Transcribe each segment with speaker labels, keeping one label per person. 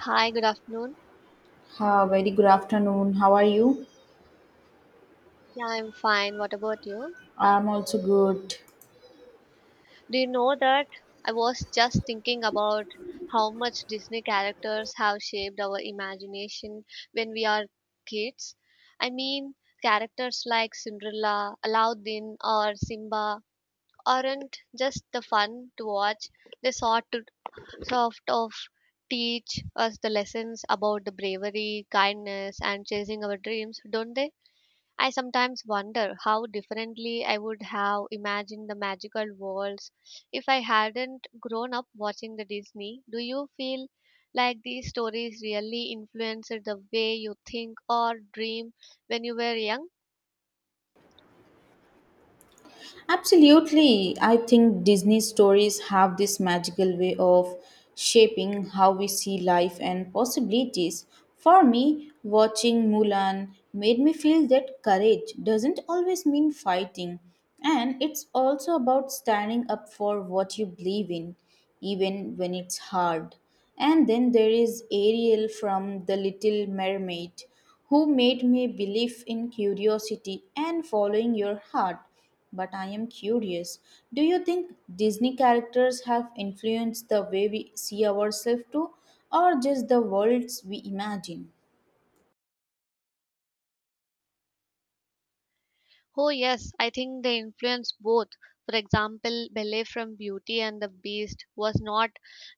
Speaker 1: Hi, good afternoon.
Speaker 2: Ha, very good afternoon. How are you?
Speaker 1: Yeah, I'm fine. What about you?
Speaker 2: I'm also good.
Speaker 1: Do you know that I was just thinking about how much Disney characters have shaped our imagination when we are kids? I mean, characters like Cinderella, Aladdin, or Simba aren't just the fun to watch, they sort of teach us the lessons about the bravery, kindness, and chasing our dreams, don't they? I sometimes wonder how differently I would have imagined the magical worlds if I hadn't grown up watching the Disney. Do you feel like these stories really influenced the way you think or dream when you were young?
Speaker 2: Absolutely. I think Disney stories have this magical way of shaping how we see life and possibilities. For me, watching Mulan made me feel that courage doesn't always mean fighting, and it's also about standing up for what you believe in, even when it's hard. And then there is Ariel from The Little Mermaid, who made me believe in curiosity and following your heart. But I am curious, do you think Disney characters have influenced the way we see ourselves too, or just the worlds we imagine?
Speaker 1: Oh, yes, I think they influence both. For example, Belle from Beauty and the Beast was not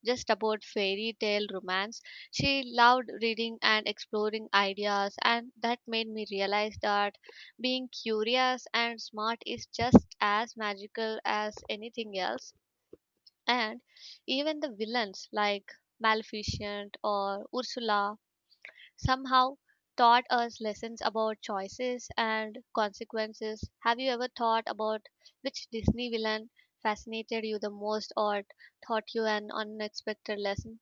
Speaker 1: just about fairy tale romance. She loved reading and exploring ideas, and that made me realize that being curious and smart is just as magical as anything else. And even the villains like Maleficent or Ursula somehow taught us lessons about choices and consequences. Have you ever thought about which Disney villain fascinated you the most or taught you an unexpected lesson?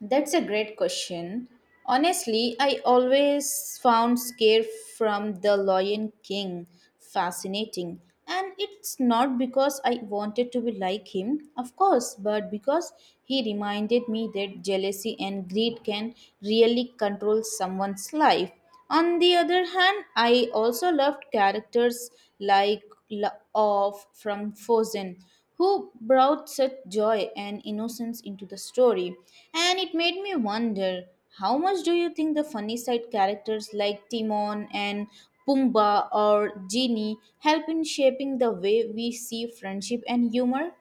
Speaker 2: That's a great question. Honestly, I always found Scare from The Lion King fascinating. And it's not because I wanted to be like him, of course, but because he reminded me that jealousy and greed can really control someone's life. On the other hand, I also loved characters like La- of from Frozen, who brought such joy and innocence into the story, and it made me wonder, how much do you think the funny side characters like Timon and Pumbaa or Genie help in shaping the way we see friendship and humor?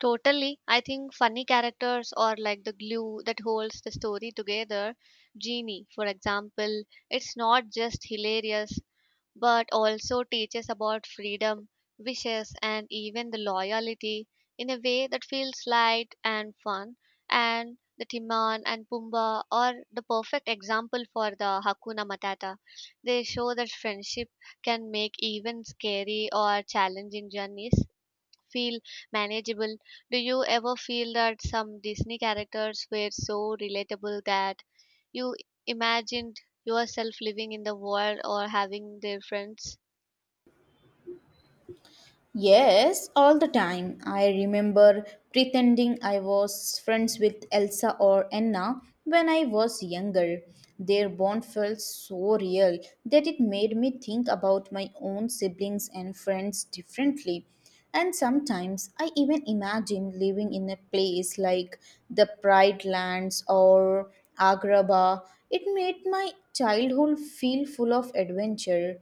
Speaker 1: Totally. I think funny characters are like the glue that holds the story together. Genie, for example, it's not just hilarious, but also teaches about freedom, wishes, and even the loyalty in a way that feels light and fun. And the Timon and Pumbaa are the perfect example for the Hakuna Matata. They show that friendship can make even scary or challenging journeys feel manageable. Do you ever feel that some Disney characters were so relatable that you imagined yourself living in the world or having their friends?
Speaker 2: Yes, all the time. I remember pretending I was friends with Elsa or Anna when I was younger. Their bond felt so real that it made me think about my own siblings and friends differently. And sometimes I even imagine living in a place like the Pride Lands or Agrabah. It made my childhood feel full of adventure.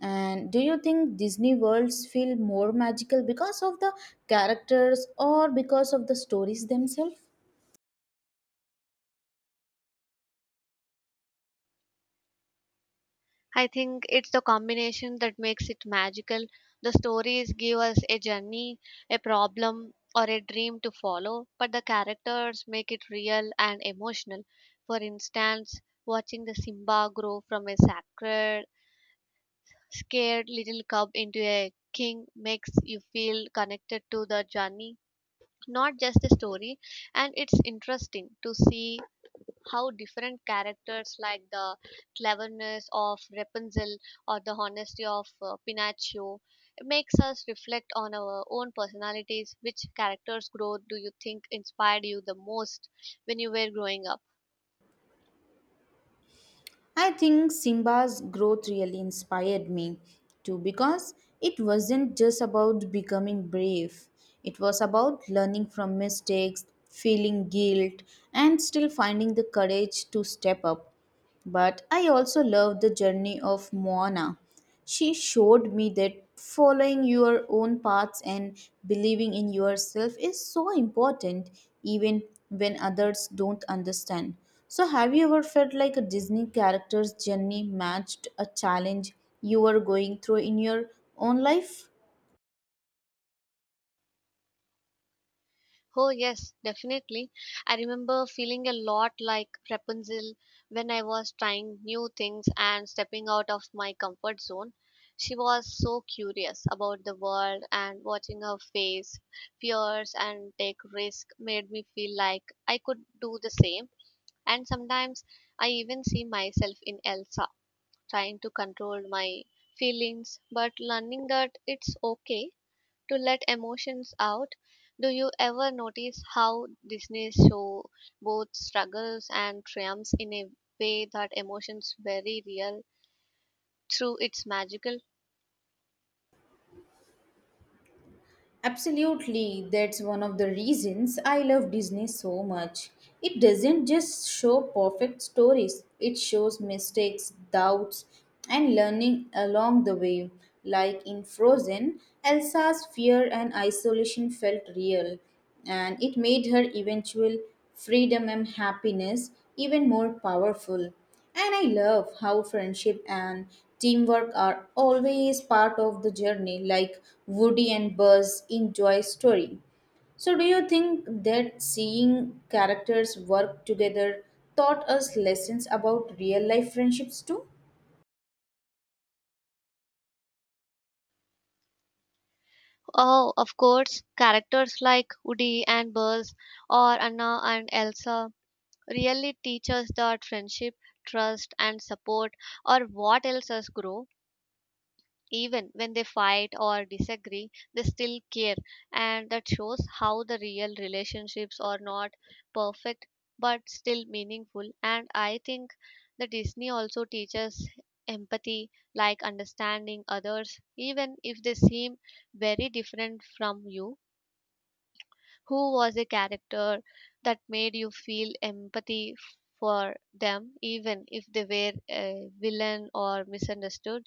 Speaker 2: And do you think Disney worlds feel more magical because of the characters or because of the stories themselves?
Speaker 1: I think it's the combination that makes it magical. The stories give us a journey, a problem, or a dream to follow, but the characters make it real and emotional. For instance, watching the Simba grow from a sacred scared little cub into a king makes you feel connected to the journey, not just the story. And it's interesting to see how different characters like the cleverness of Rapunzel or the honesty of Pinocchio, it makes us reflect on our own personalities. Which character's growth do you think inspired you the most when you were growing up?
Speaker 2: I think Simba's growth really inspired me too, because it wasn't just about becoming brave, it was about learning from mistakes, feeling guilt, and still finding the courage to step up. But I also love the journey of Moana. She showed me that following your own paths and believing in yourself is so important, even when others don't understand. So, have you ever felt like a Disney character's journey matched a challenge you were going through in your own life?
Speaker 1: Oh, yes, definitely. I remember feeling a lot like Rapunzel when I was trying new things and stepping out of my comfort zone. She was so curious about the world, and watching her face fears and take risk made me feel like I could do the same. And sometimes I even see myself in Elsa, trying to control my feelings, but learning that it's okay to let emotions out. Do you ever notice how Disney's show both struggles and triumphs in a way that emotions very real through its magical?
Speaker 2: Absolutely, that's one of the reasons I love Disney so much. It doesn't just show perfect stories, it shows mistakes, doubts, and learning along the way. Like in Frozen, Elsa's fear and isolation felt real, and it made her eventual freedom and happiness even more powerful. And I love how friendship and teamwork are always part of the journey, like Woody and Buzz in Joy's story. So, do you think that seeing characters work together taught us lessons about real life friendships too?
Speaker 1: Oh, of course, characters like Woody and Buzz or Anna and Elsa really teach us that friendship, trust, and support are what helps us grow. Even when they fight or disagree, they still care, and that shows how the real relationships are not perfect but still meaningful. And I think the Disney also teaches empathy, like understanding others, even if they seem very different from you. Who was a character that made you feel empathy for them, even if they were a villain or misunderstood?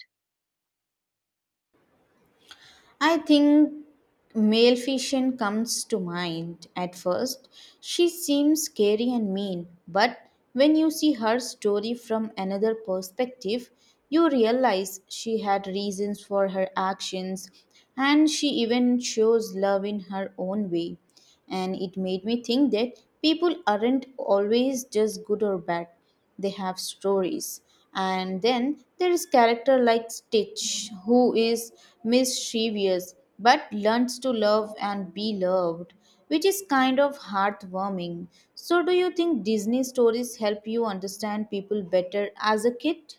Speaker 2: I think Maleficent comes to mind at first. She seems scary and mean, but when you see her story from another perspective, you realize she had reasons for her actions, and she even shows love in her own way. And it made me think that people aren't always just good or bad, they have stories. And then there is character like Stitch, who is mischievous but learns to love and be loved, which is kind of heartwarming. So, do you think Disney stories help you understand people better as a kid?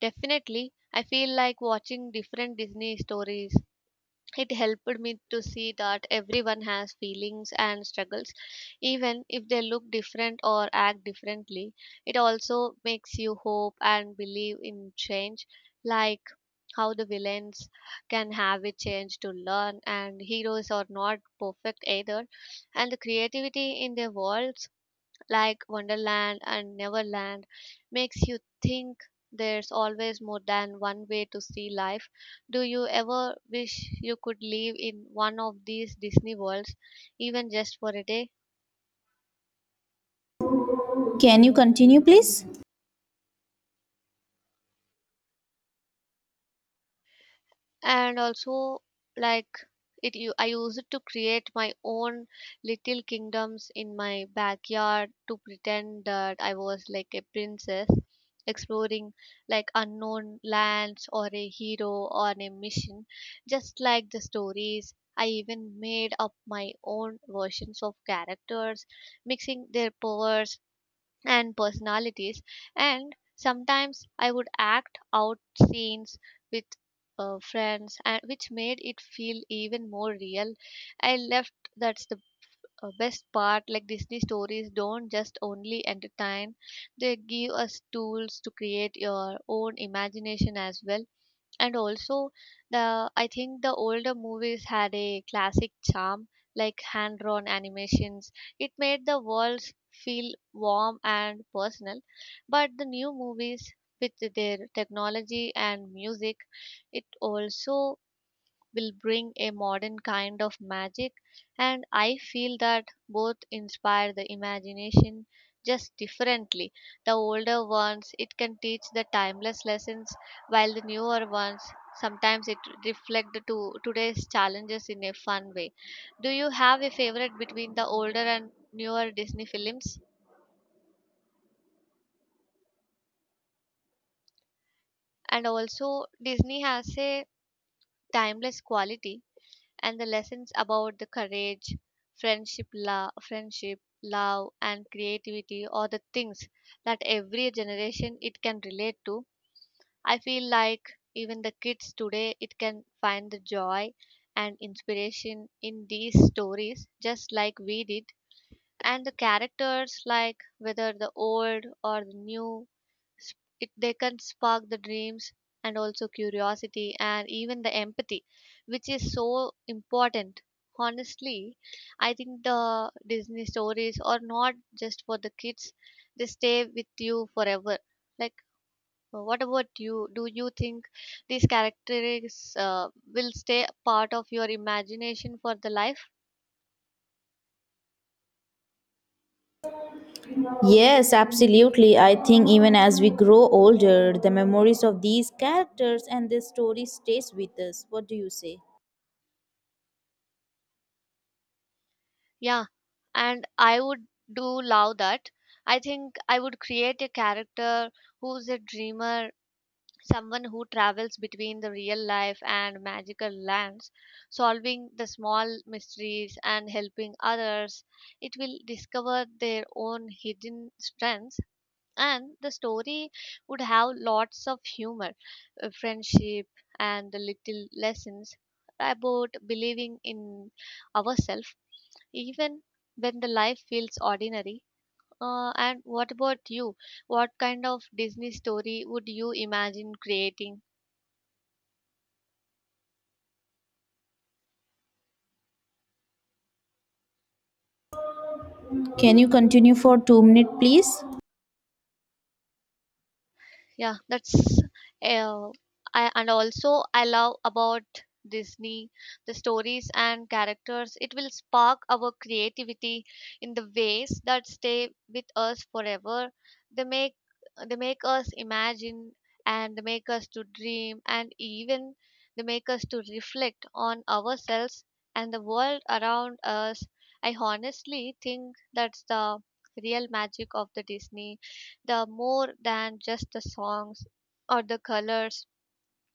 Speaker 1: Definitely, I feel like watching different Disney stories, it helped me to see that everyone has feelings and struggles, even if they look different or act differently. It also makes you hope and believe in change, like how the villains can have a change to learn, and heroes are not perfect either, and the creativity in their worlds like Wonderland and Neverland makes you think there's always more than one way to see life. Do you ever wish you could live in one of these Disney worlds, even just for a day?
Speaker 2: Can you continue, please?
Speaker 1: And also, like, it you I use it to create my own little kingdoms in my backyard, to pretend that I was like a princess exploring like unknown lands or a hero on a mission, just like the stories. I even made up my own versions of characters, mixing their powers and personalities, and sometimes I would act out scenes with friends, and which made it feel even more real. I left that's the best part, like Disney stories don't just only entertain, they give us tools to create your own imagination as well. And also, the I think the older movies had a classic charm, like hand drawn animations, it made the worlds feel warm and personal. But the new movies, with their technology and music, it also will bring a modern kind of magic. And I feel that both inspire the imagination, just differently. The older ones, it can teach the timeless lessons, while the newer ones, sometimes it reflect the to today's challenges in a fun way. Do you have a favorite between the older and newer Disney films? And also, Disney has a timeless quality, and the lessons about the courage, friendship, love, and creativity are the things that every generation it can relate to. I feel like even the kids today it can find the joy and inspiration in these stories just like we did. And the characters, like whether the old or the new, s- it they can spark the dreams and also curiosity and even the empathy, which is so important. Honestly, I think the Disney stories are not just for the kids, they stay with you forever. Like, what about you? Do you think these characters uh, will stay part of your imagination for the life?
Speaker 2: Yes, absolutely. I think even as we grow older, the memories of these characters and their story stays with us. What do you say?
Speaker 1: Yeah, and I would do love that. I think I would create a character who's a dreamer, someone who travels between the real life and magical lands, solving the small mysteries and helping others. It will discover their own hidden strengths, and the story would have lots of humor, friendship, and the little lessons about believing in ourselves, even when the life feels ordinary. And what about you? What kind of Disney story would you imagine creating?
Speaker 2: Can you continue for 2 minutes, please?
Speaker 1: Yeah, that's uh, and also I love about Disney the stories and characters it will spark our creativity in the ways that stay with us forever. they make they make us imagine, and they make us to dream, and even they make us to reflect on ourselves and the world around us. I honestly think that's the real magic of the Disney, the more than just the songs or the colors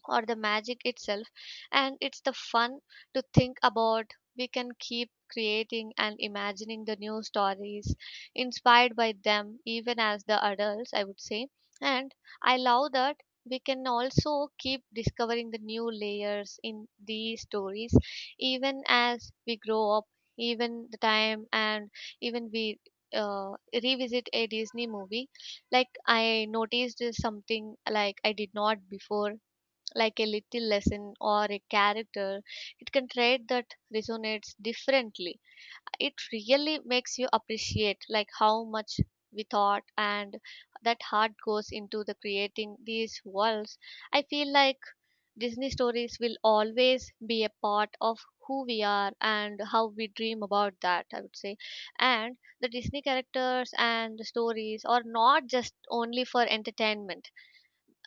Speaker 1: or the magic itself. And it's the fun to think about we can keep creating and imagining the new stories inspired by them, even as the adults, I would say. And I love that we can also keep discovering the new layers in these stories even as we grow up. Even the time, and even we uh, revisit a Disney movie, like I noticed something like I did not before, like a little lesson or a character, it can trait that resonates differently. It really makes you appreciate like how much we thought and that heart goes into the creating these worlds. I feel like Disney stories will always be a part of who we are and how we dream, about that I would say. And the Disney characters and the stories are not just only for entertainment,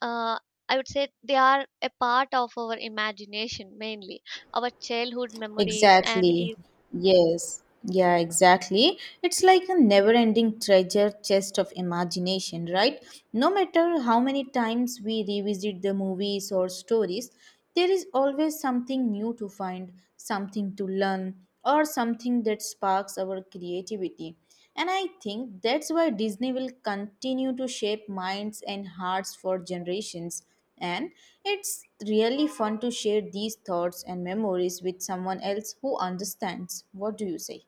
Speaker 1: uh, I would say they are a part of our imagination mainly, our childhood memories, and
Speaker 2: Exactly.
Speaker 1: even...
Speaker 2: Yes. Yeah, exactly. It's like a never ending treasure chest of imagination, right? No matter how many times we revisit the movies or stories, there is always something new to find, something to learn, or something that sparks our creativity. And I think that's why Disney will continue to shape minds and hearts for generations. And it's really fun to share these thoughts and memories with someone else who understands. What do you say?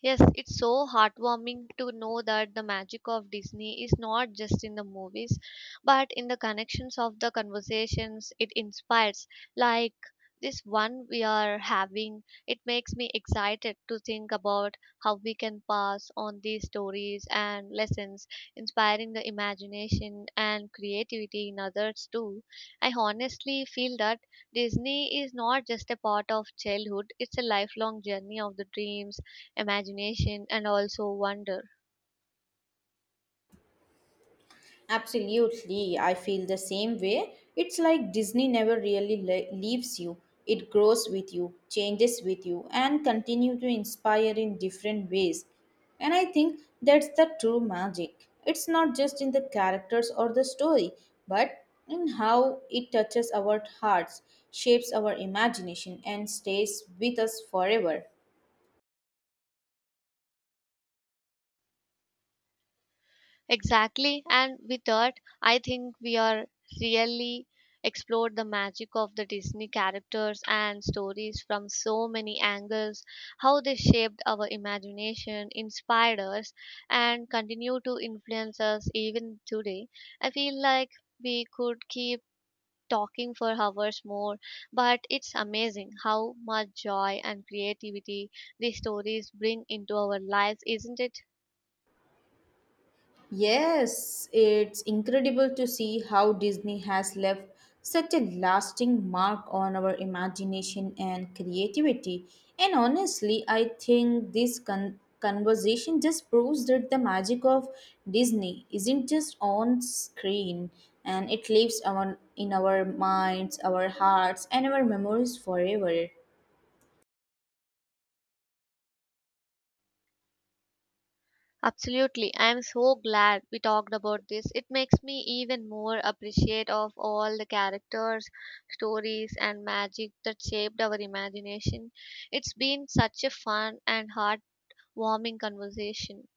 Speaker 1: Yes, it's so heartwarming to know that the magic of Disney is not just in the movies, but in the connections of the conversations it inspires. Like this one we are having, it makes me excited to think about how we can pass on these stories and lessons, inspiring the imagination and creativity in others too. I honestly feel that Disney is not just a part of childhood, it's a lifelong journey of the dreams, imagination, and also wonder.
Speaker 2: Absolutely, I feel the same way. It's like Disney never really leaves you. It grows with you, changes with you, and continue to inspire in different ways. And I think that's the true magic. It's not just in the characters or the story, but in how it touches our hearts, shapes our imagination, and stays with us forever.
Speaker 1: Exactly. And with that, I think we are really explored the magic of the Disney characters and stories from so many angles, how they shaped our imagination, inspired us, and continue to influence us even today. I feel like we could keep talking for hours more, but it's amazing how much joy and creativity these stories bring into our lives, isn't it?
Speaker 2: Yes, it's incredible to see how Disney has left such a lasting mark on our imagination and creativity. And honestly, I think this conversation just proves that the magic of Disney isn't just on screen, and it lives on in our minds, our hearts, and our memories forever.
Speaker 1: Absolutely. I'm so glad we talked about this. It makes me even more appreciate of all the characters, stories, and magic that shaped our imagination. It's been such a fun and heartwarming conversation.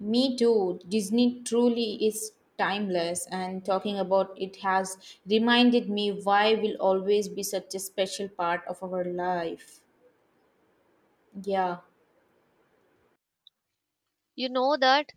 Speaker 2: Me too. Disney truly is timeless, and talking about it has reminded me why will always be such a special part of our life. Yeah.
Speaker 1: You know that,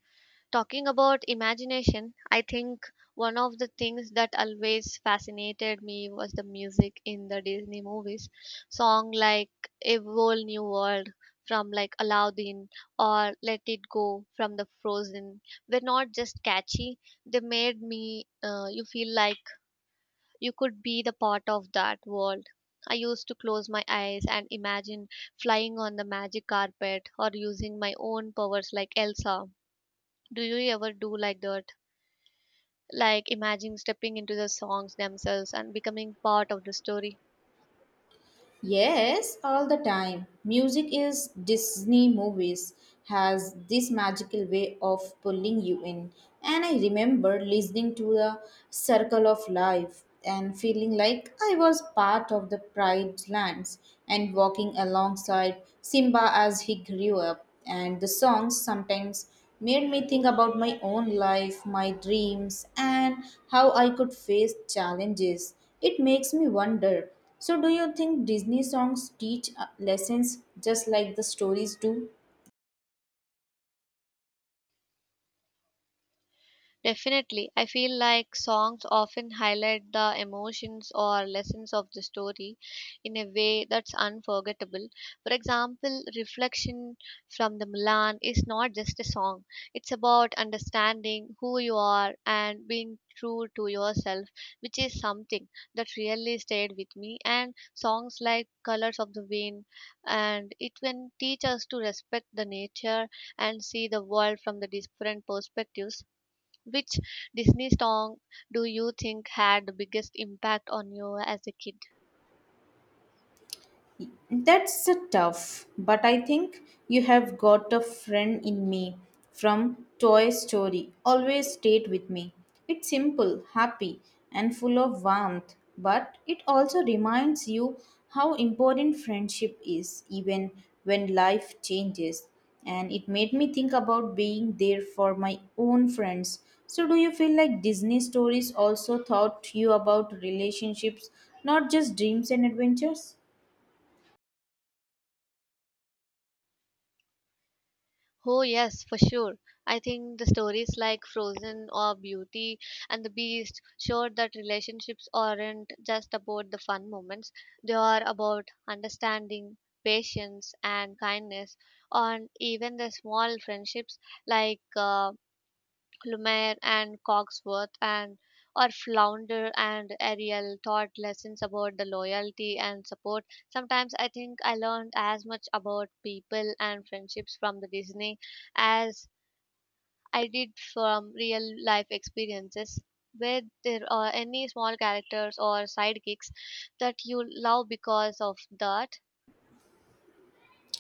Speaker 1: talking about imagination, I think one of the things that always fascinated me was the music in the Disney movies. Song like A Whole New World from like Aladdin or Let It Go from the Frozen were not just catchy, they made me you feel like you could be the part of that world. I used to close my eyes and imagine flying on the magic carpet or using my own powers like Elsa. Do you ever do like that? Like imagine stepping into the songs themselves and becoming part of the story.
Speaker 2: Yes, all the time. Music is Disney movies has this magical way of pulling you in. And I remember listening to the Circle of Life and feeling like I was part of the Pride Lands and walking alongside Simba as he grew up. And the songs sometimes made me think about my own life, my dreams, and how I could face challenges. It makes me wonder, so, do you think Disney songs teach lessons just like the stories do?
Speaker 1: Definitely. I feel like songs often highlight the emotions or lessons of the story in a way that's unforgettable. For example, Reflection from the Milan is not just a song, it's about understanding who you are and being true to yourself, which is something that really stayed with me. And songs like Colors of the Wind and it can teach us to respect the nature and see the world from the different perspectives. Which Disney song do you think had the biggest impact on you as a kid?
Speaker 2: That's a tough, but I think you have got a friend in me from Toy Story. Always stayed with me. It's simple, happy, and full of warmth, but it also reminds you how important friendship is, even when life changes. And it made me think about being there for my own friends. So, do you feel like Disney stories also taught you about relationships, not just dreams and adventures?
Speaker 1: Oh, yes, for sure. I think the stories like Frozen or Beauty and the Beast showed that relationships aren't just about the fun moments, they are about understanding, patience, and kindness, and even the small friendships like Lumiere and Cogsworth and or Flounder and Ariel taught lessons about the loyalty and support. Sometimes I think I learned as much about people and friendships from the Disney as I did from real life experiences. Were there are any small characters or sidekicks that you love because of that?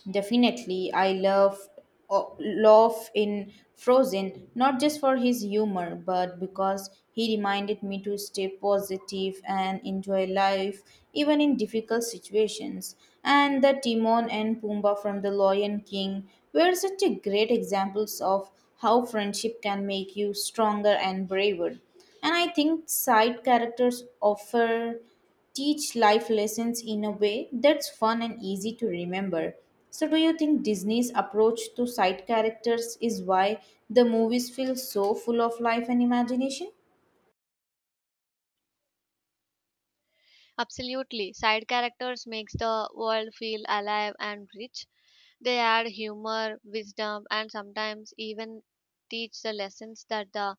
Speaker 2: Definitely, I love oh, love in Frozen not just for his humor, but because he reminded me to stay positive and enjoy life even in difficult situations. And the Timon and Pumbaa from The Lion King were such a great examples of how friendship can make you stronger and braver. And I think side characters offer teach life lessons in a way that's fun and easy to remember. So, do you think Disney's approach to side characters is why the movies feel so full of life and imagination?
Speaker 1: Absolutely. Side characters makes the world feel alive and rich. They add humor, wisdom, and sometimes even teach the lessons that the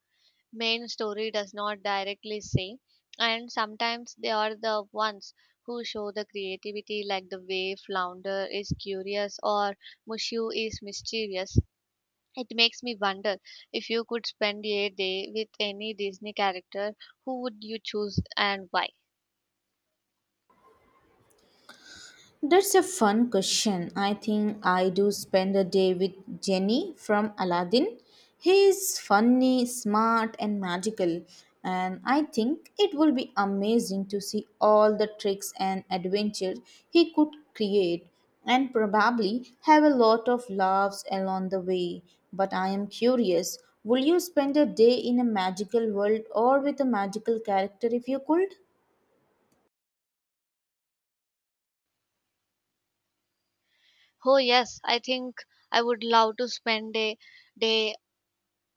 Speaker 1: main story does not directly say. And sometimes they are the ones who show the creativity, like the way Flounder is curious or Mushu is mischievous. It makes me wonder, if you could spend a day with any Disney character, who would you choose and why?
Speaker 2: That's a fun question. I think I do spend a day with Jenny from Aladdin. He is funny, smart, and magical, and I think it will be amazing to see all the tricks and adventures he could create, and probably have a lot of laughs along the way. But I am curious, will you spend a day in a magical world or with a magical character if you could?
Speaker 1: Oh, yes, I think I would love to spend a day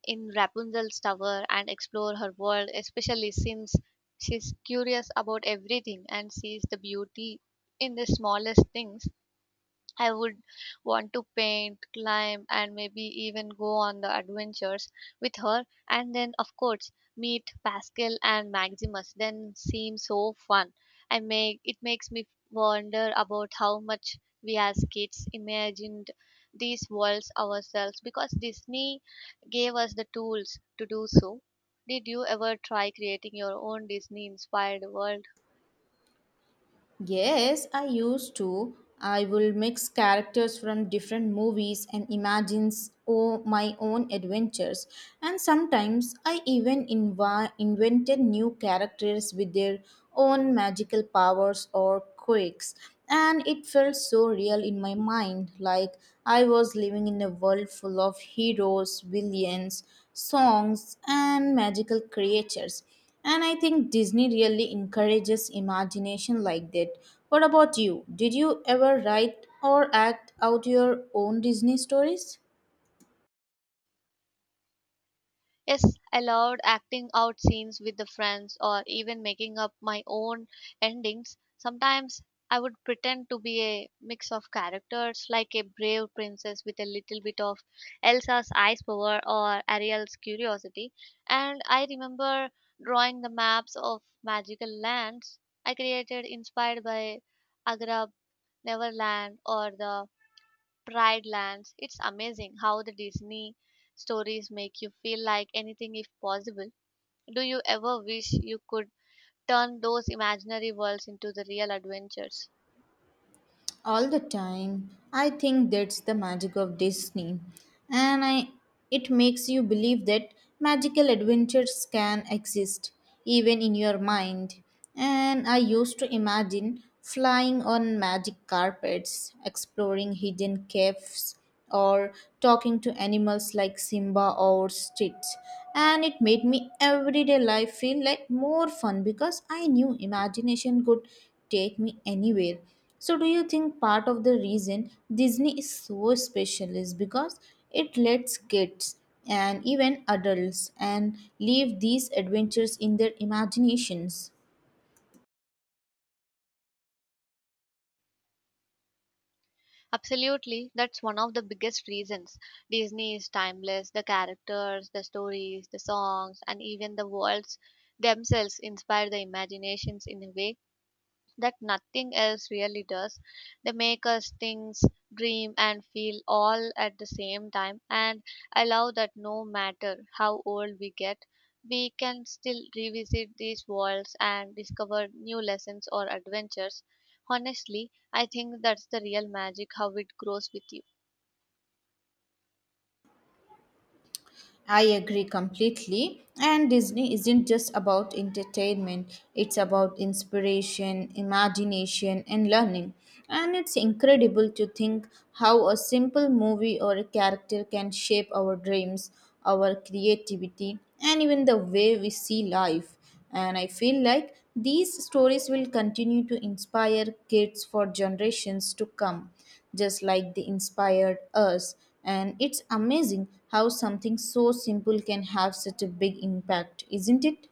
Speaker 1: in Rapunzel's tower and explore her world, especially since she's curious about everything and sees the beauty in the smallest things. I would want to paint, climb, and maybe even go on the adventures with her. And then, of course, meet Pascal and Maximus. Then seems so fun. I make it makes me wonder about how much we as kids imagined these worlds ourselves because Disney gave us the tools to do so. Did you ever try creating your own Disney inspired world?
Speaker 2: Yes, I used to. I will mix characters from different movies and imagine oh my own adventures. And sometimes I even invented new characters with their own magical powers or quirks. And it felt so real in my mind, like I was living in a world full of heroes, villains, songs, and magical creatures. And I think Disney really encourages imagination like that. What about you? Did you ever write or act out your own Disney stories?
Speaker 1: Yes, I loved acting out scenes with the friends or even making up my own endings. Sometimes I would pretend to be a mix of characters, like a brave princess with a little bit of Elsa's ice power or Ariel's curiosity. And I remember drawing the maps of magical lands I created inspired by Agra, Neverland or the Pride Lands. It's amazing how the Disney stories make you feel like anything if possible. Do you ever wish you could turn those imaginary worlds into the real adventures?
Speaker 2: All the time. I think that's the magic of Disney. And I it makes you believe that magical adventures can exist even in your mind. And I used to imagine flying on magic carpets, exploring hidden caves, or talking to animals like Simba or Stitch. And it made me everyday life feel like more fun because I knew imagination could take me anywhere. So, do you think part of the reason Disney is so special is because it lets kids and even adults and leave these adventures in their imaginations?
Speaker 1: Absolutely, that's one of the biggest reasons. Disney is timeless. The characters, the stories, the songs, and even the worlds themselves inspire the imaginations in a way that nothing else really does. They make us think, dream, and feel all at the same time. And I love that no matter how old we get, we can still revisit these worlds and discover new lessons or adventures. Honestly, I think that's the real magic, how it grows with you.
Speaker 2: I agree completely. And Disney isn't just about entertainment, it's about inspiration, imagination, and learning. And it's incredible to think how a simple movie or a character can shape our dreams, our creativity, and even the way we see life. And I feel like these stories will continue to inspire kids for generations to come, just like they inspired us. And it's amazing how something so simple can have such a big impact, isn't it?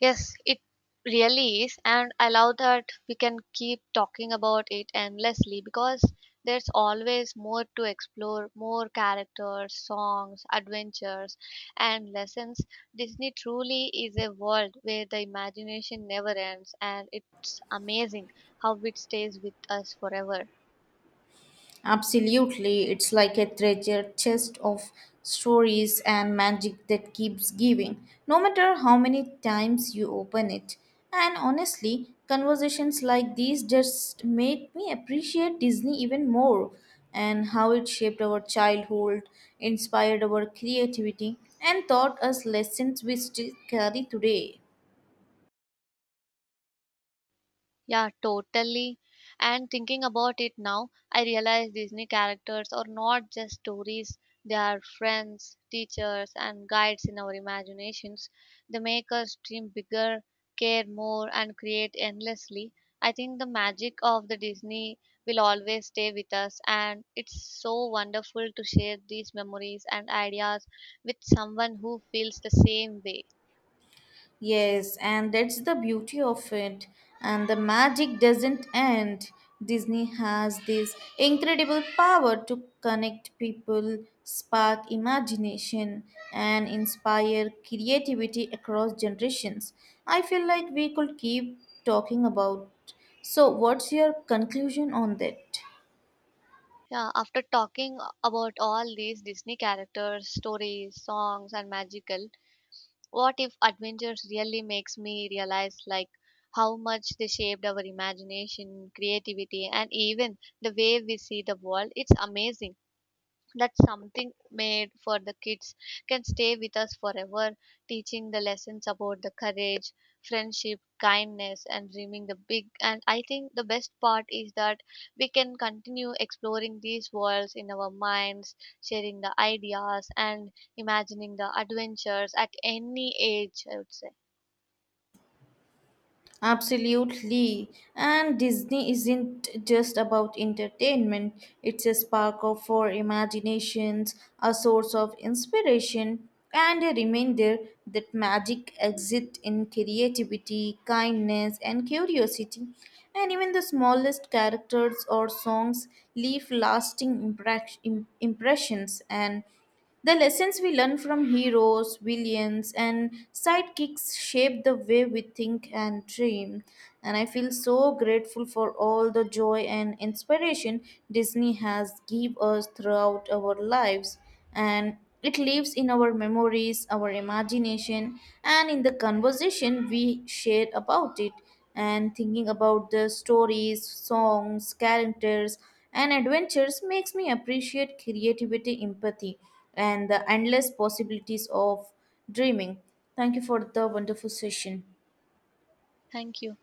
Speaker 1: Yes, it really is. And I love that we can keep talking about it endlessly because there's always more to explore, more characters, songs, adventures, and lessons. Disney truly is a world where the imagination never ends, and it's amazing how it stays with us forever.
Speaker 2: Absolutely, it's like a treasure chest of stories and magic that keeps giving, no matter how many times you open it. And honestly, conversations like these just made me appreciate Disney even more, and how it shaped our childhood, inspired our creativity, and taught us lessons we still carry today.
Speaker 1: Yeah, totally. And thinking about it now, I realize Disney characters are not just stories, they are friends, teachers, and guides in our imaginations. They make us dream bigger, care more, and create endlessly. I think the magic of the Disney will always stay with us, and it's so wonderful to share these memories and ideas with someone who feels the same way.
Speaker 2: Yes, and that's the beauty of it. And the magic doesn't end. Disney has this incredible power to connect people, spark imagination, and inspire creativity across generations. I feel like we could keep talking about. So, what's your conclusion on that?
Speaker 1: Yeah, after talking about all these Disney characters, stories, songs, and magical, what if adventures really makes me realize like how much they shaped our imagination, creativity, and even the way we see the world? It's amazing that something made for the kids can stay with us forever, teaching the lessons about the courage, friendship, kindness, and dreaming the big. And I think the best part is that we can continue exploring these worlds in our minds, sharing the ideas, and imagining the adventures at any age, I would say.
Speaker 2: Absolutely. And Disney isn't just about entertainment, it's a spark of for imaginations, a source of inspiration, and a reminder that magic exists in creativity, kindness, and curiosity. And even the smallest characters or songs leave lasting impressions, and the lessons we learn from heroes, villains, and sidekicks shape the way we think and dream. And I feel so grateful for all the joy and inspiration Disney has given us throughout our lives. And it lives in our memories, our imagination, and in the conversation we share about it. And thinking about the stories, songs, characters, and adventures makes me appreciate creativity, empathy, and the endless possibilities of dreaming. Thank you for the wonderful session.
Speaker 1: Thank you.